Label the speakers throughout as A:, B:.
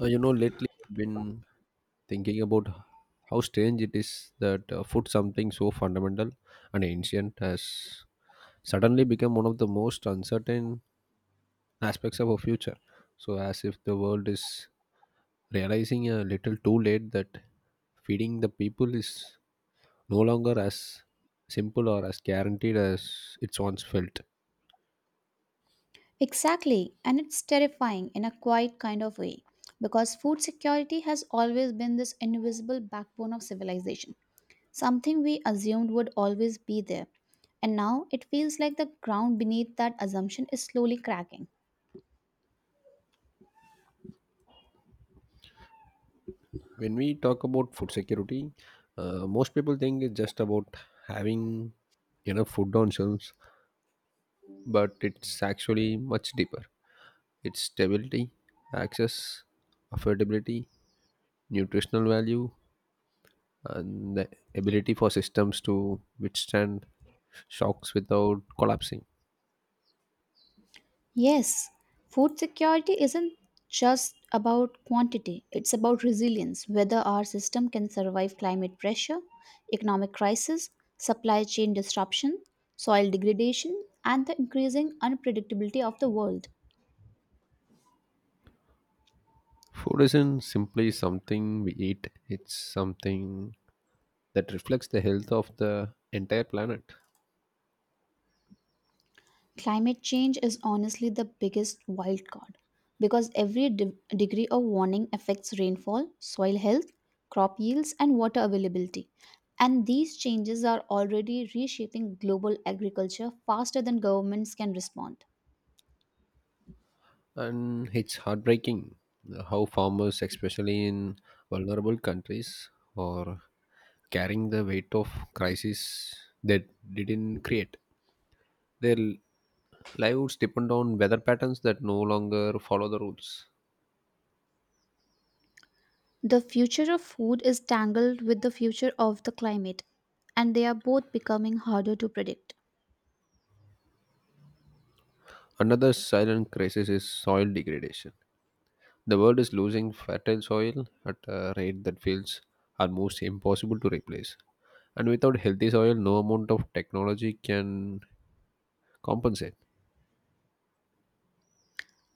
A: Lately I've been thinking about how strange it is that food, something so fundamental and ancient, has suddenly become one of the most uncertain aspects of our future. So, as if the world is realizing a little too late that feeding the people is no longer as simple or as guaranteed as it once felt.
B: Exactly, and it's terrifying in a quiet kind of way because food security has always been this invisible backbone of civilization, something we assumed would always be there. And now it feels like the ground beneath that assumption is slowly cracking.
A: When we talk about food security, most people think it's just about having enough food on shelves, but it's actually much deeper. It's stability, access, affordability, nutritional value, and the ability for systems to withstand shocks without collapsing.
B: Yes, food security isn't just about quantity, it's about resilience, whether our system can survive climate pressure, economic crisis, supply chain disruption, soil degradation, and the increasing unpredictability of the world.
A: Food isn't simply something we eat, it's something that reflects the health of the entire planet.
B: Climate change is honestly the biggest wild card because every degree of warning affects rainfall, soil health, crop yields, and water availability. And these changes are already reshaping global agriculture faster than governments can respond.
A: And it's heartbreaking how farmers, especially in vulnerable countries, are carrying the weight of crisis that didn't create. Their livelihoods depend on weather patterns that no longer follow the rules.
B: The future of food is tangled with the future of the climate, and they are both becoming harder to predict.
A: Another silent crisis is soil degradation. The world is losing fertile soil at a rate that feels almost impossible to replace. And without healthy soil, no amount of technology can compensate.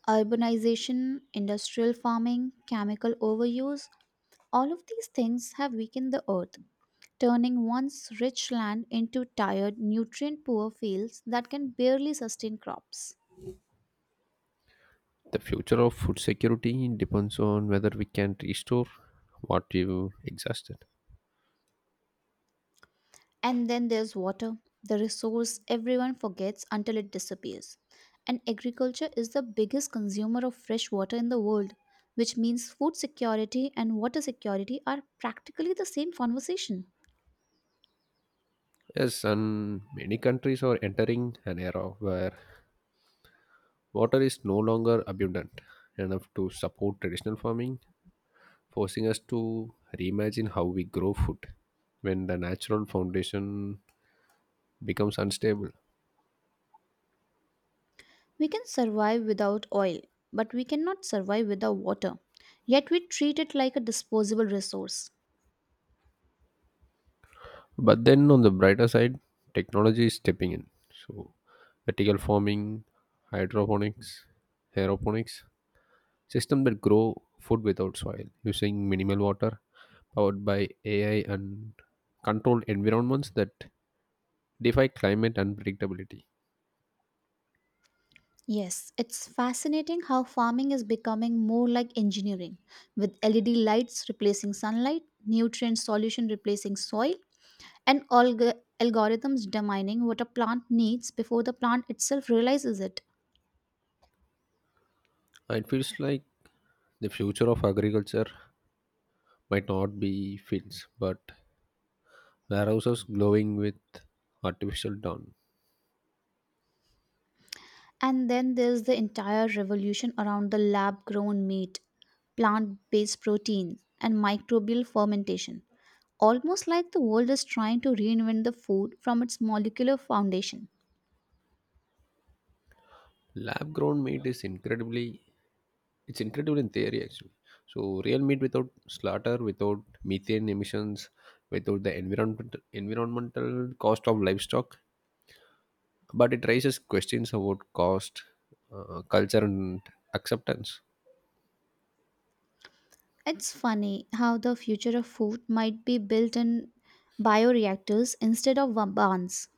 B: Urbanization, industrial farming, chemical overuse, all of these things have weakened the earth, turning once rich land into tired, nutrient poor fields that can barely sustain crops.
A: The future of food security depends on whether we can restore what we've exhausted.
B: And then there's water, the resource everyone forgets until it disappears. And agriculture is the biggest consumer of fresh water in the world, which means food security and water security are practically the same conversation.
A: Yes, and many countries are entering an era where water is no longer abundant enough to support traditional farming, forcing us to reimagine how we grow food when the natural foundation becomes unstable.
B: We can survive without oil, but we cannot survive without water. Yet we treat it like a disposable resource.
A: But then on the brighter side, technology is stepping in. So, vertical farming, hydroponics, aeroponics, system that grow food without soil, using minimal water, powered by AI and controlled environments that defy climate unpredictability.
B: Yes, it's fascinating how farming is becoming more like engineering, with LED lights replacing sunlight, nutrient solution replacing soil, and algorithms determining what a plant needs before the plant itself realizes it.
A: It feels like the future of agriculture might not be fields, but warehouses glowing with artificial dawn.
B: And then there's the entire revolution around the lab grown meat, plant based protein, and microbial fermentation. Almost like the world is trying to reinvent the food from its molecular foundation.
A: Lab grown meat is incredibly it's incredible in theory actually. So real meat without slaughter, without methane emissions, without the environmental cost of livestock, but it raises questions about cost, culture, and acceptance.
B: It's funny how the future of food might be built in bioreactors instead of barns.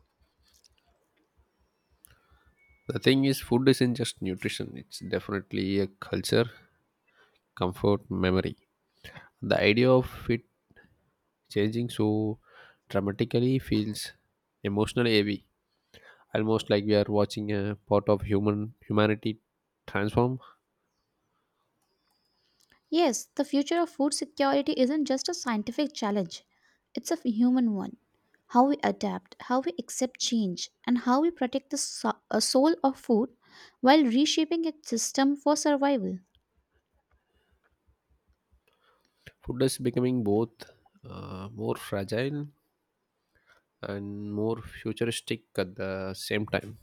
A: The thing is, food isn't just nutrition, it's definitely a culture, comfort, memory. The idea of it changing so dramatically feels emotionally heavy, almost like we are watching a part of humanity transform.
B: Yes, the future of food security isn't just a scientific challenge, it's a human one. How we adapt, how we accept change, and how we protect the soul of food while reshaping its system for survival.
A: Food is becoming both more fragile and more futuristic at the same time.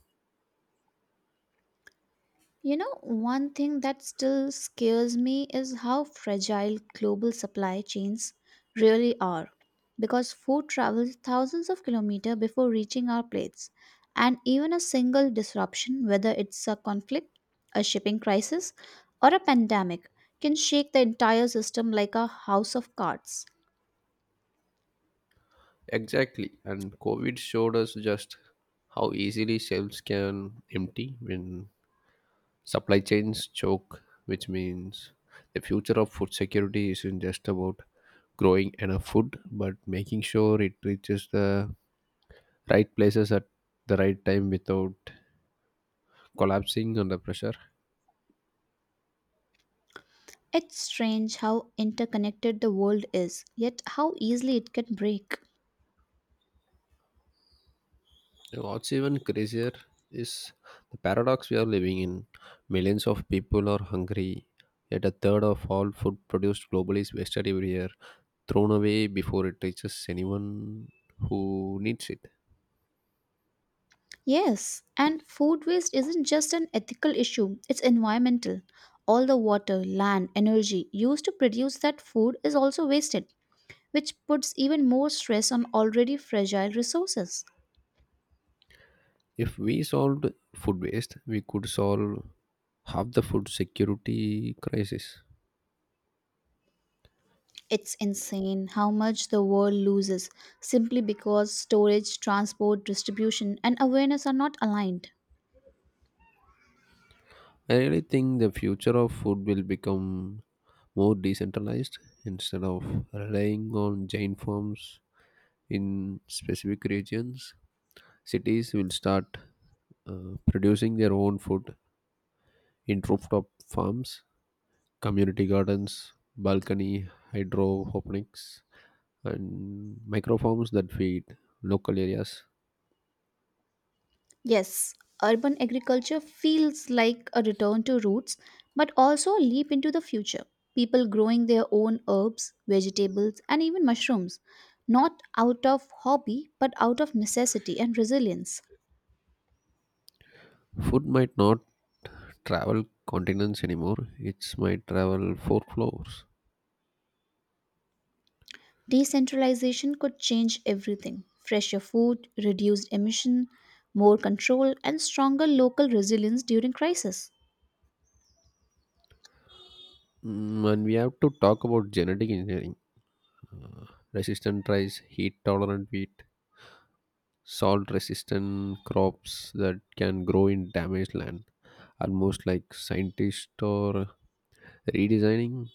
B: You know, one thing that still scares me is how fragile global supply chains really are because food travels thousands of kilometers before reaching our plates. And even a single disruption, whether it's a conflict, a shipping crisis, or a pandemic, can shake the entire system like a house of cards.
A: Exactly. And COVID showed us just how easily shelves can empty when supply chains choke, which means the future of food security isn't just about growing enough food, but making sure it reaches the right places at the right time without collapsing under pressure.
B: It's strange how interconnected the world is, yet how easily it can break.
A: And what's even crazier is the paradox we are living in. Millions of people are hungry, yet a third of all food produced globally is wasted every year, thrown away before it reaches anyone who needs it.
B: Yes, and food waste isn't just an ethical issue, it's environmental. All the water, land, energy used to produce that food is also wasted, which puts even more stress on already fragile resources.
A: If we solved food waste, we could solve half the food security crisis.
B: It's insane how much the world loses simply because storage, transport, distribution, and awareness are not aligned.
A: I really think the future of food will become more decentralized instead of relying on giant farms in specific regions. Cities will start producing their own food in rooftop farms, community gardens, balcony hydroponics, and microforms that feed local areas.
B: Yes, urban agriculture feels like a return to roots, but also a leap into the future. People growing their own herbs, vegetables, and even mushrooms, not out of hobby, but out of necessity and resilience.
A: Food might not travel continents anymore, it might travel four floors.
B: Decentralization could change everything fresher food, reduced emission, more control, and stronger local resilience during crisis.
A: And we have to talk about genetic engineering. Uh, Resistant rice, heat tolerant wheat, salt resistant crops that can grow in damaged land. Almost like scientists or redesigning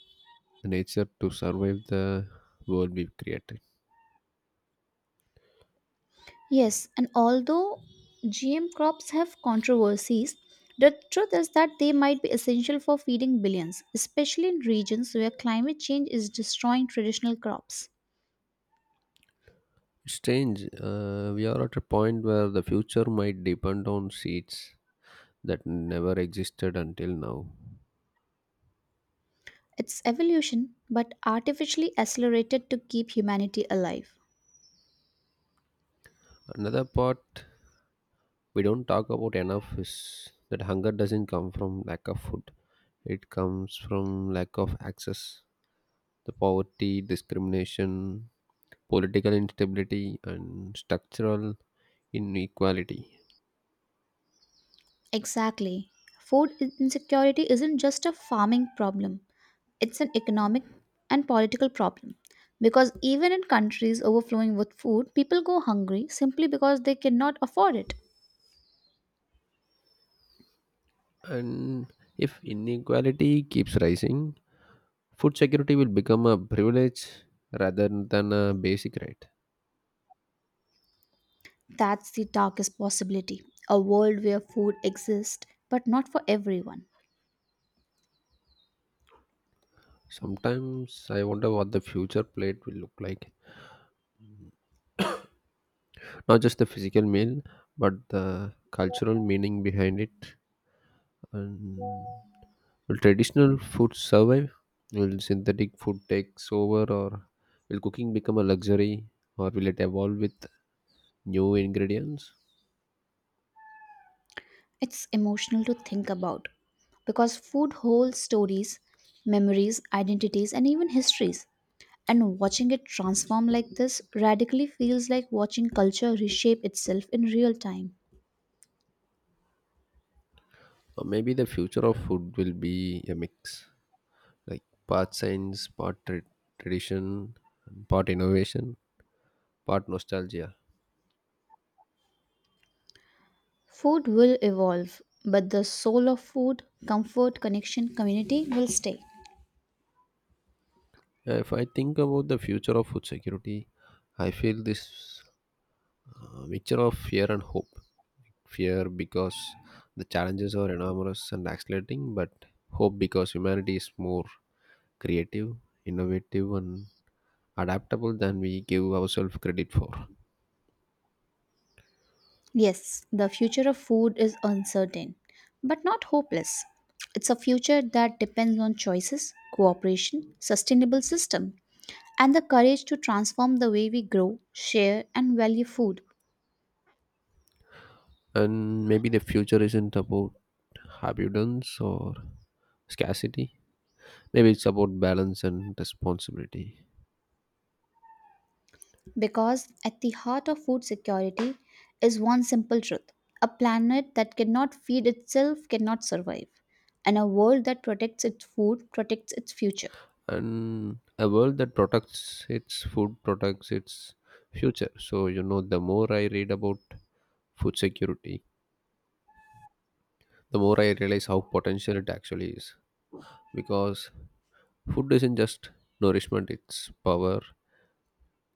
A: nature to survive the world we've created.
B: Yes, and although GM crops have controversies, the truth is that they might be essential for feeding billions, especially in regions where climate change is destroying traditional crops.
A: Strange, we are at a point where the future might depend on seeds that never existed until now.
B: It's evolution, but artificially accelerated to keep humanity alive.
A: Another part we don't talk about enough is that hunger doesn't come from lack of food, it comes from lack of access. The poverty, discrimination, political instability, and structural inequality.
B: Exactly. Food insecurity isn't just a farming problem, it's an economic and political problem. Because even in countries overflowing with food, people go hungry simply because they cannot afford it.
A: And if inequality keeps rising, food security will become a privilege rather than a basic right.
B: That's the darkest possibility a world where food exists, but not for everyone.
A: Sometimes I wonder what the future plate will look like. Not just the physical meal, but the cultural meaning behind it. And will traditional food survive? Will synthetic food takes over, or will cooking become a luxury, or will it evolve with new ingredients?
B: It's emotional to think about because food holds stories, memories, identities, and even histories. And watching it transform like this radically feels like watching culture reshape itself in real time.
A: Or maybe the future of food will be a mix, like part science, tradition, and part innovation, part nostalgia.
B: Food will evolve, but the soul of food, comfort, connection, community will stay.
A: If I think about the future of food security, I feel this mixture of fear and hope. Fear because the challenges are enormous and accelerating, but hope because humanity is more creative, innovative, and adaptable than we give ourselves credit for.
B: Yes, the future of food is uncertain, but not hopeless. It's a future that depends on choices, cooperation, sustainable system, and the courage to transform the way we grow, share, and value food.
A: And maybe the future isn't about abundance or scarcity. Maybe it's about balance and responsibility.
B: Because at the heart of food security is one simple truth a planet that cannot feed itself cannot survive, and a world that protects its food protects its future.
A: And a world that protects its food protects its future. So, the more I read about food security, the more I realize how potential it actually is, because food isn't just nourishment, it's power,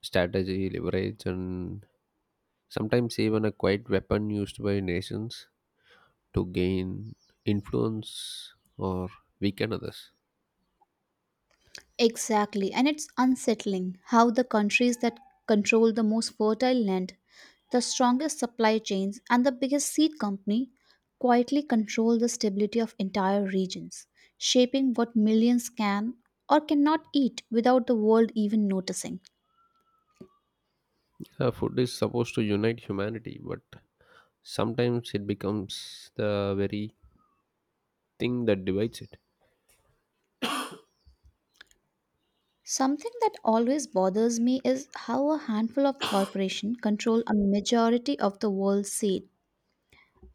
A: strategy, leverage, and sometimes even a quiet weapon used by nations to gain influence or weaken others.
B: Exactly, and it's unsettling how the countries that control the most fertile land, the strongest supply chains, and the biggest seed company quietly control the stability of entire regions, shaping what millions can or cannot eat without the world even noticing.
A: Food is supposed to unite humanity, but sometimes it becomes the very thing that divides it.
B: Something that always bothers me is how a handful of corporations control a majority of the world's seed.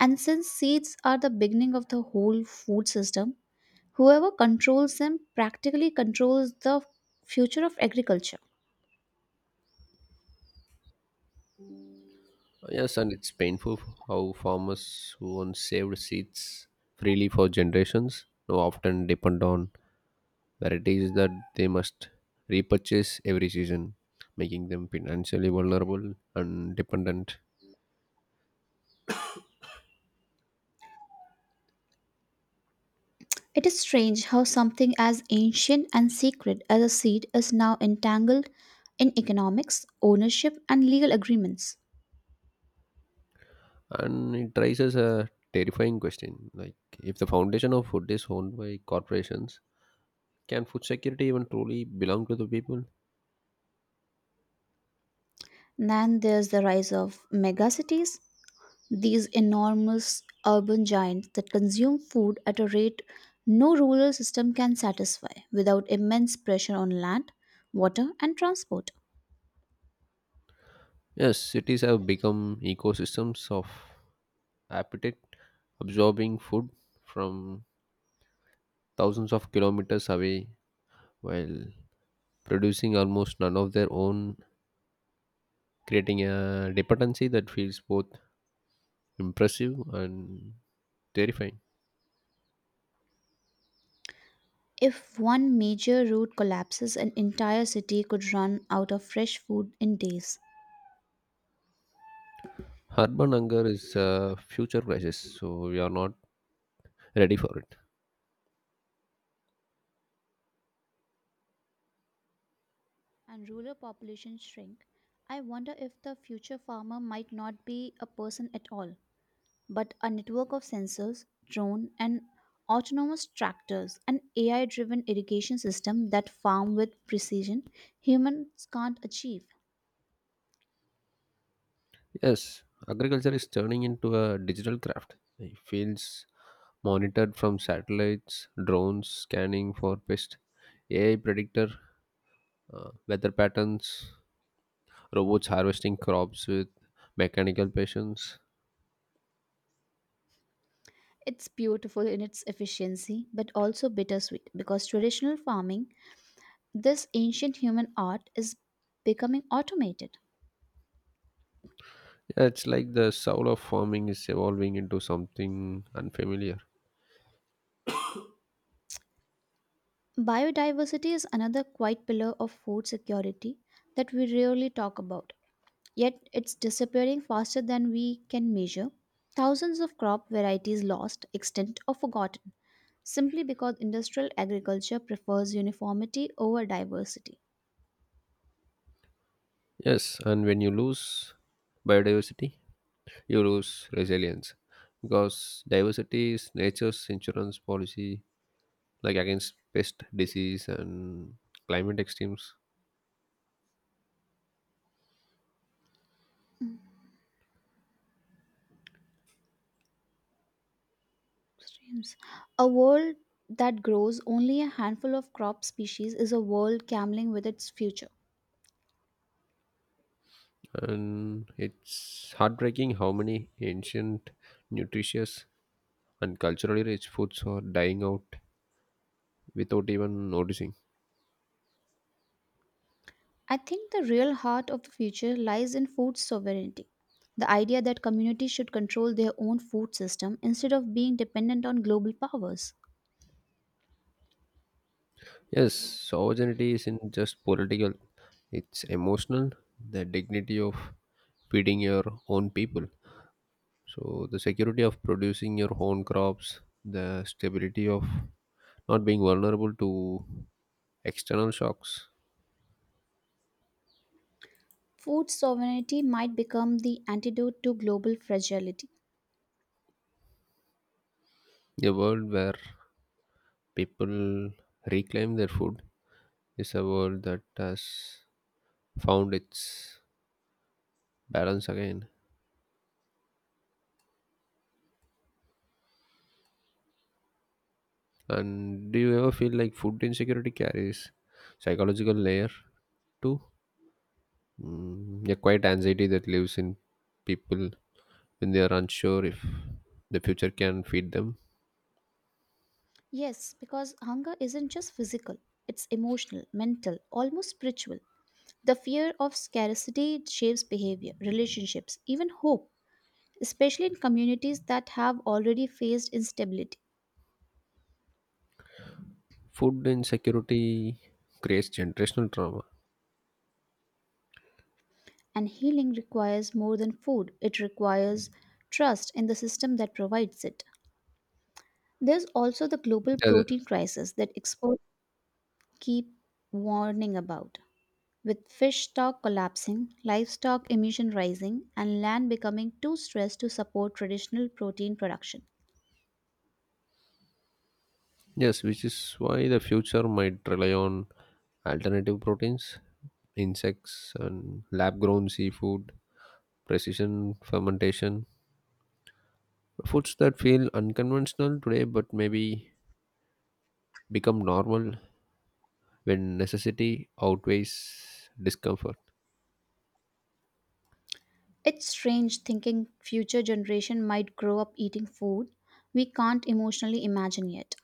B: And since seeds are the beginning of the whole food system, whoever controls them practically controls the future of agriculture.
A: Yes, and it's painful how farmers who once saved seeds freely for generations now often depend on varieties that they must repurchase every season, making them financially vulnerable and dependent.
B: It is strange how something as ancient and sacred as a seed is now entangled in economics, ownership, and legal agreements.
A: And it raises a terrifying question like, if the foundation of food is owned by corporations, can food security even truly belong to the people?
B: Then there's the rise of megacities, these enormous urban giants that consume food at a rate no rural system can satisfy without immense pressure on land, water, and transport.
A: Yes, cities have become ecosystems of appetite, absorbing food from thousands of kilometers away while producing almost none of their own, creating a dependency that feels both impressive and terrifying.
B: If one major route collapses, an entire city could run out of fresh food in days
A: Urban hunger is a future crisis, so we are not ready for it.
B: and rural populations shrink. I wonder if the future farmer might not be a person at all, but a network of sensors, drone and autonomous tractors, an AI driven irrigation system that farm with precision humans can't achieve.
A: Yes, agriculture is turning into a digital craft. It feels monitored from satellites, drones scanning for pests, AI predictor weather patterns, robots harvesting crops with mechanical patience.
B: It's beautiful in its efficiency, but also bittersweet because traditional farming this ancient human art is becoming automated.
A: It's like the soul of farming is evolving into something unfamiliar.
B: Biodiversity is another quiet pillar of food security that we rarely talk about, yet it's disappearing faster than we can measure. Thousands of crop varieties lost, extinct, or forgotten simply because industrial agriculture prefers uniformity over diversity.
A: Yes, and when you lose biodiversity, you lose resilience because diversity is nature's insurance policy, like against pest, disease, and climate extremes.
B: Streams. A world that grows only a handful of crop species is a world gambling with its future.
A: And it's heartbreaking how many ancient, nutritious, and culturally rich foods are dying out without even noticing.
B: I think the real heart of the future lies in food sovereignty. The idea that communities should control their own food system instead of being dependent on global powers.
A: Yes, sovereignty isn't just political, it's emotional, the dignity of feeding your own people, so the security of producing your own crops, the stability of not being vulnerable to external shocks.
B: Food sovereignty might become the antidote to global fragility.
A: A world where people reclaim their food is a world that has found its balance again. And do you ever feel like food insecurity carries psychological layer too? Mm, yeah, quite anxiety that lives in people when they are unsure if the future can feed them.
B: Yes, because hunger isn't just physical, it's emotional, mental, almost spiritual. The fear of scarcity shapes behavior, relationships, even hope, especially in communities that have already faced instability.
A: Food insecurity creates generational trauma.
B: And healing requires more than food, it requires trust in the system that provides it. There's also the global
A: Yeah,
B: protein crisis that experts keep warning about, with fish stock collapsing, livestock emission rising, and land becoming too stressed to support traditional protein production.
A: yes, which is why the future might rely on alternative proteins, insects, and lab grown seafood, precision fermentation. Foods that feel unconventional today but maybe become normal when necessity outweighs discomfort.
B: It's strange thinking future generation might grow up eating food we can't emotionally imagine yet.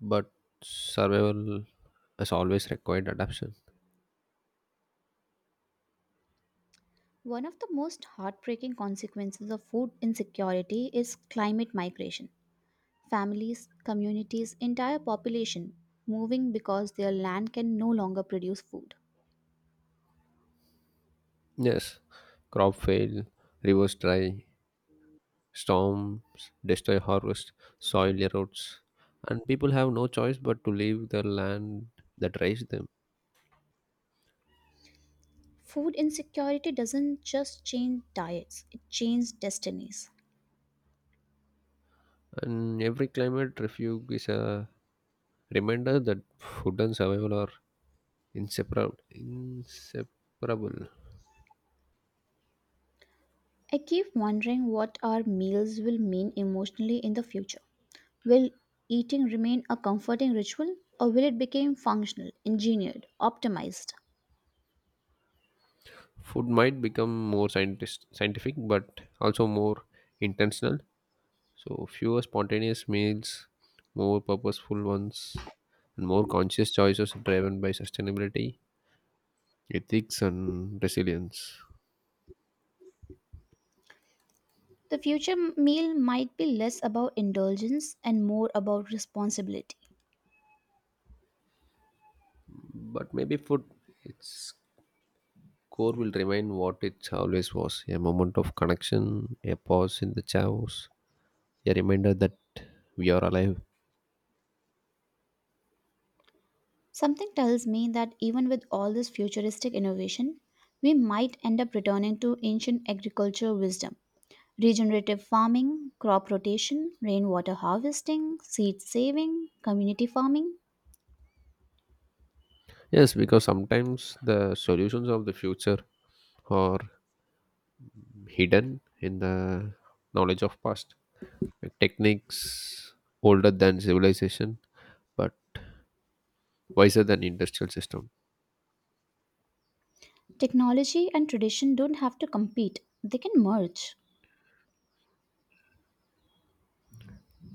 A: But survival has always required adaptation.
B: One of the most heartbreaking consequences of food insecurity is climate migration. Families, communities, entire population moving because their land can no longer produce food.
A: Yes, crop fail, rivers dry, storms destroy harvest, soil erodes, and people have no choice but to leave the land that raised them.
B: Food insecurity doesn't just change diets, it changes destinies.
A: And every climate refuge is a reminder that food and survival are inseparable. Inseparable.
B: I keep wondering what our meals will mean emotionally in the future. Will eating remain a comforting ritual or will it become functional, engineered, optimized?
A: Food might become more scientific, but also more intentional. So, fewer spontaneous meals, more purposeful ones, and more conscious choices driven by sustainability, ethics, and resilience.
B: The future meal might be less about indulgence and more about responsibility.
A: But maybe food, its core will remain what it always was, a moment of connection, a pause in the chaos, a reminder that we are alive.
B: Something tells me that even with all this futuristic innovation, we might end up returning to ancient agriculture wisdom. Regenerative farming, crop rotation, rainwater harvesting, seed saving, community farming.
A: Yes, because sometimes the solutions of the future are hidden in the knowledge of past, techniques older than civilization but wiser than industrial system.
B: Technology and tradition don't have to compete, they can merge.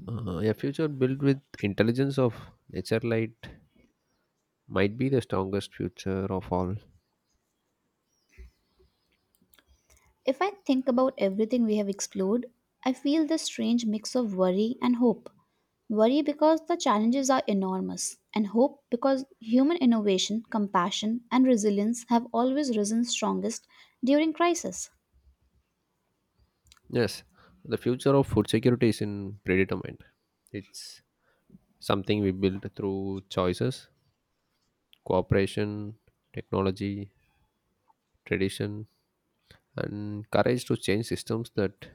A: A future built with intelligence of nature light might be the strongest future of all.
B: If I think about everything we have explored, I feel this strange mix of worry and hope. Worry because the challenges are enormous, and hope because human innovation, compassion, and resilience have always risen strongest during crisis.
A: Yes, the future of food security is in predetermined. It's something we build through choices, cooperation, technology, tradition, and courage to change systems that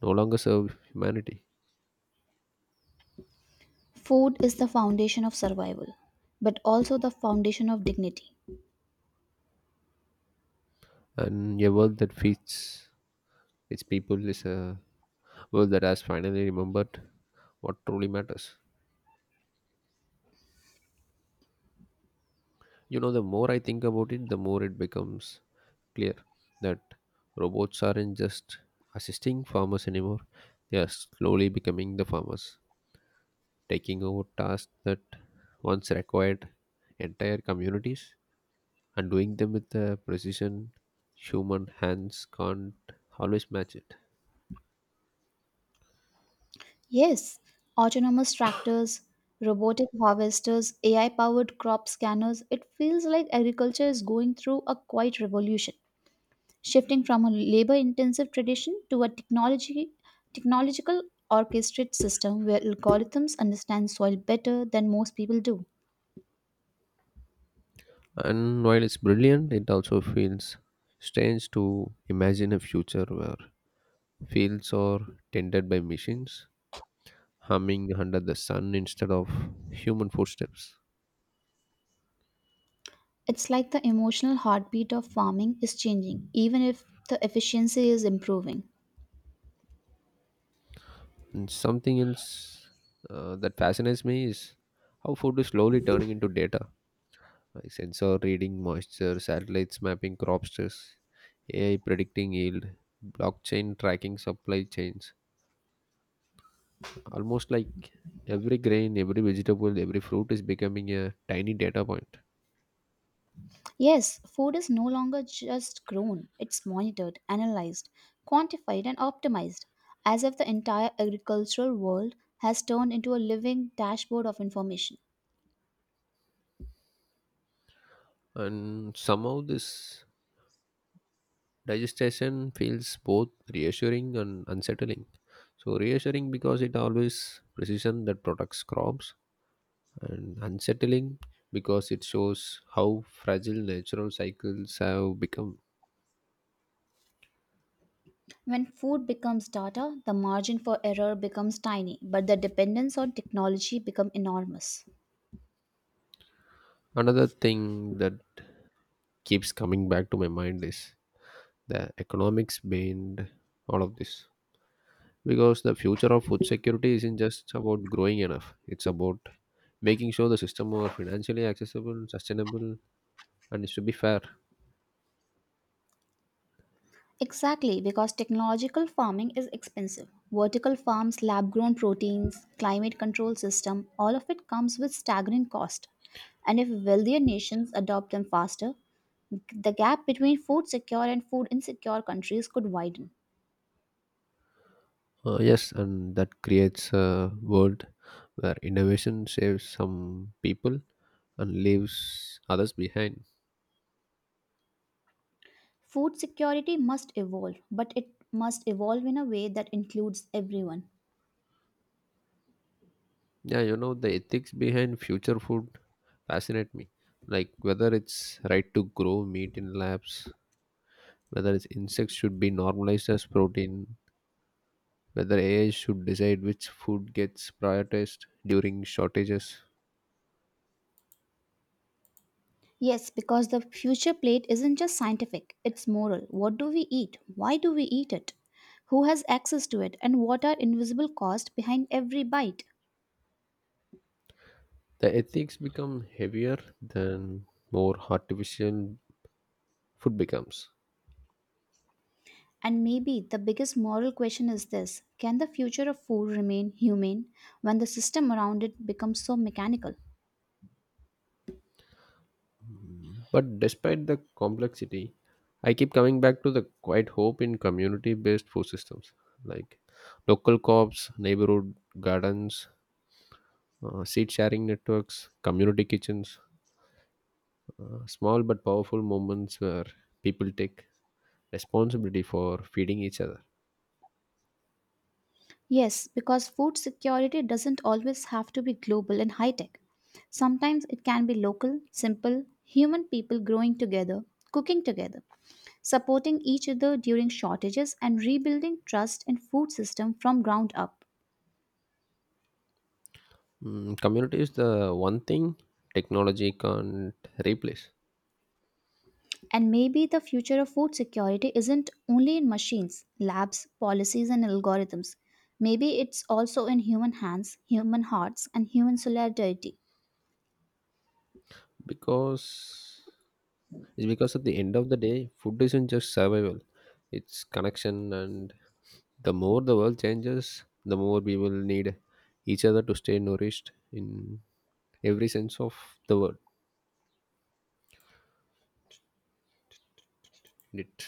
A: no longer serve humanity.
B: Food is the foundation of survival, but also the foundation of dignity.
A: And a world that feeds its people is a world that has finally remembered what truly matters. The more I think about it, the more it becomes clear that robots aren't just assisting farmers anymore, they are slowly becoming the farmers, taking over tasks that once required entire communities and doing them with the precision human hands can't always match it.
B: Yes, autonomous tractors, robotic harvesters, AI powered crop scanners, it feels like agriculture is going through a quiet revolution, shifting from a labor intensive tradition to a technology technological orchestrated system where algorithms understand soil better than most people do.
A: And while it's brilliant, it also feels strange to imagine a future where fields are tended by machines humming under the sun instead of human footsteps.
B: It's like the emotional heartbeat of farming is changing even if the efficiency is improving.
A: And something else that fascinates me is how food is slowly turning into data, like sensor reading moisture, satellites mapping crop stress, AI predicting yield, blockchain tracking supply chains. Almost like every grain, every vegetable, every fruit is becoming a tiny data point.
B: Yes, food is no longer just grown, it's monitored, analyzed, quantified and optimized, as if the entire agricultural world has turned into a living dashboard of information.
A: And somehow this digestion feels both reassuring and unsettling. So reassuring because it always precision that protects crops, and unsettling because it shows how fragile natural cycles have become.
B: When food becomes data, the margin for error becomes tiny, but the dependence on technology becomes enormous.
A: Another thing that keeps coming back to my mind is the economics behind all of this. Because the future of food security isn't just about growing enough; it's about making sure the system are financially accessible, sustainable, and it should be fair.
B: Exactly, because technological farming is expensive. Vertical farms, lab grown proteins, climate control system, all of it comes with staggering cost. And if wealthier nations adopt them faster, the gap between food secure and food insecure countries could widen.
A: Yes, and that creates a world where innovation saves some people and leaves others behind.
B: Food security must evolve, but it must evolve in a way that includes everyone.
A: Yeah, the ethics behind future food fascinate me. Like whether it's right to grow meat in labs, whether it's insects should be normalized as protein, whether AI should decide which food gets prioritized during shortages.
B: Yes, because the future plate isn't just scientific, it's moral. What do we eat? Why do we eat it? Who has access to it? And what are invisible costs behind every bite?
A: The ethics become heavier than more artificial food becomes.
B: And maybe the biggest moral question is this: can the future of food remain humane when the system around it becomes so mechanical?
A: But despite the complexity, I keep coming back to the quiet hope in community based food systems like local co ops, neighborhood gardens, seed sharing networks, community kitchens, small but powerful moments where people take responsibility for feeding each other.
B: Yes, because food security doesn't always have to be global and high tech. Sometimes it can be local, simple, human people growing together, cooking together, supporting each other during shortages and rebuilding trust in food system from ground up.
A: Mm, community is the one thing technology can't replace,
B: And maybe the future of food security isn't only in machines, labs, policies and algorithms. Maybe it's also in human hands, human hearts and human solidarity.
A: because because at the end of the day, food isn't just survival, it's connection and the more the world changes, the more we will need each other to stay nourished in every sense of the word. In it.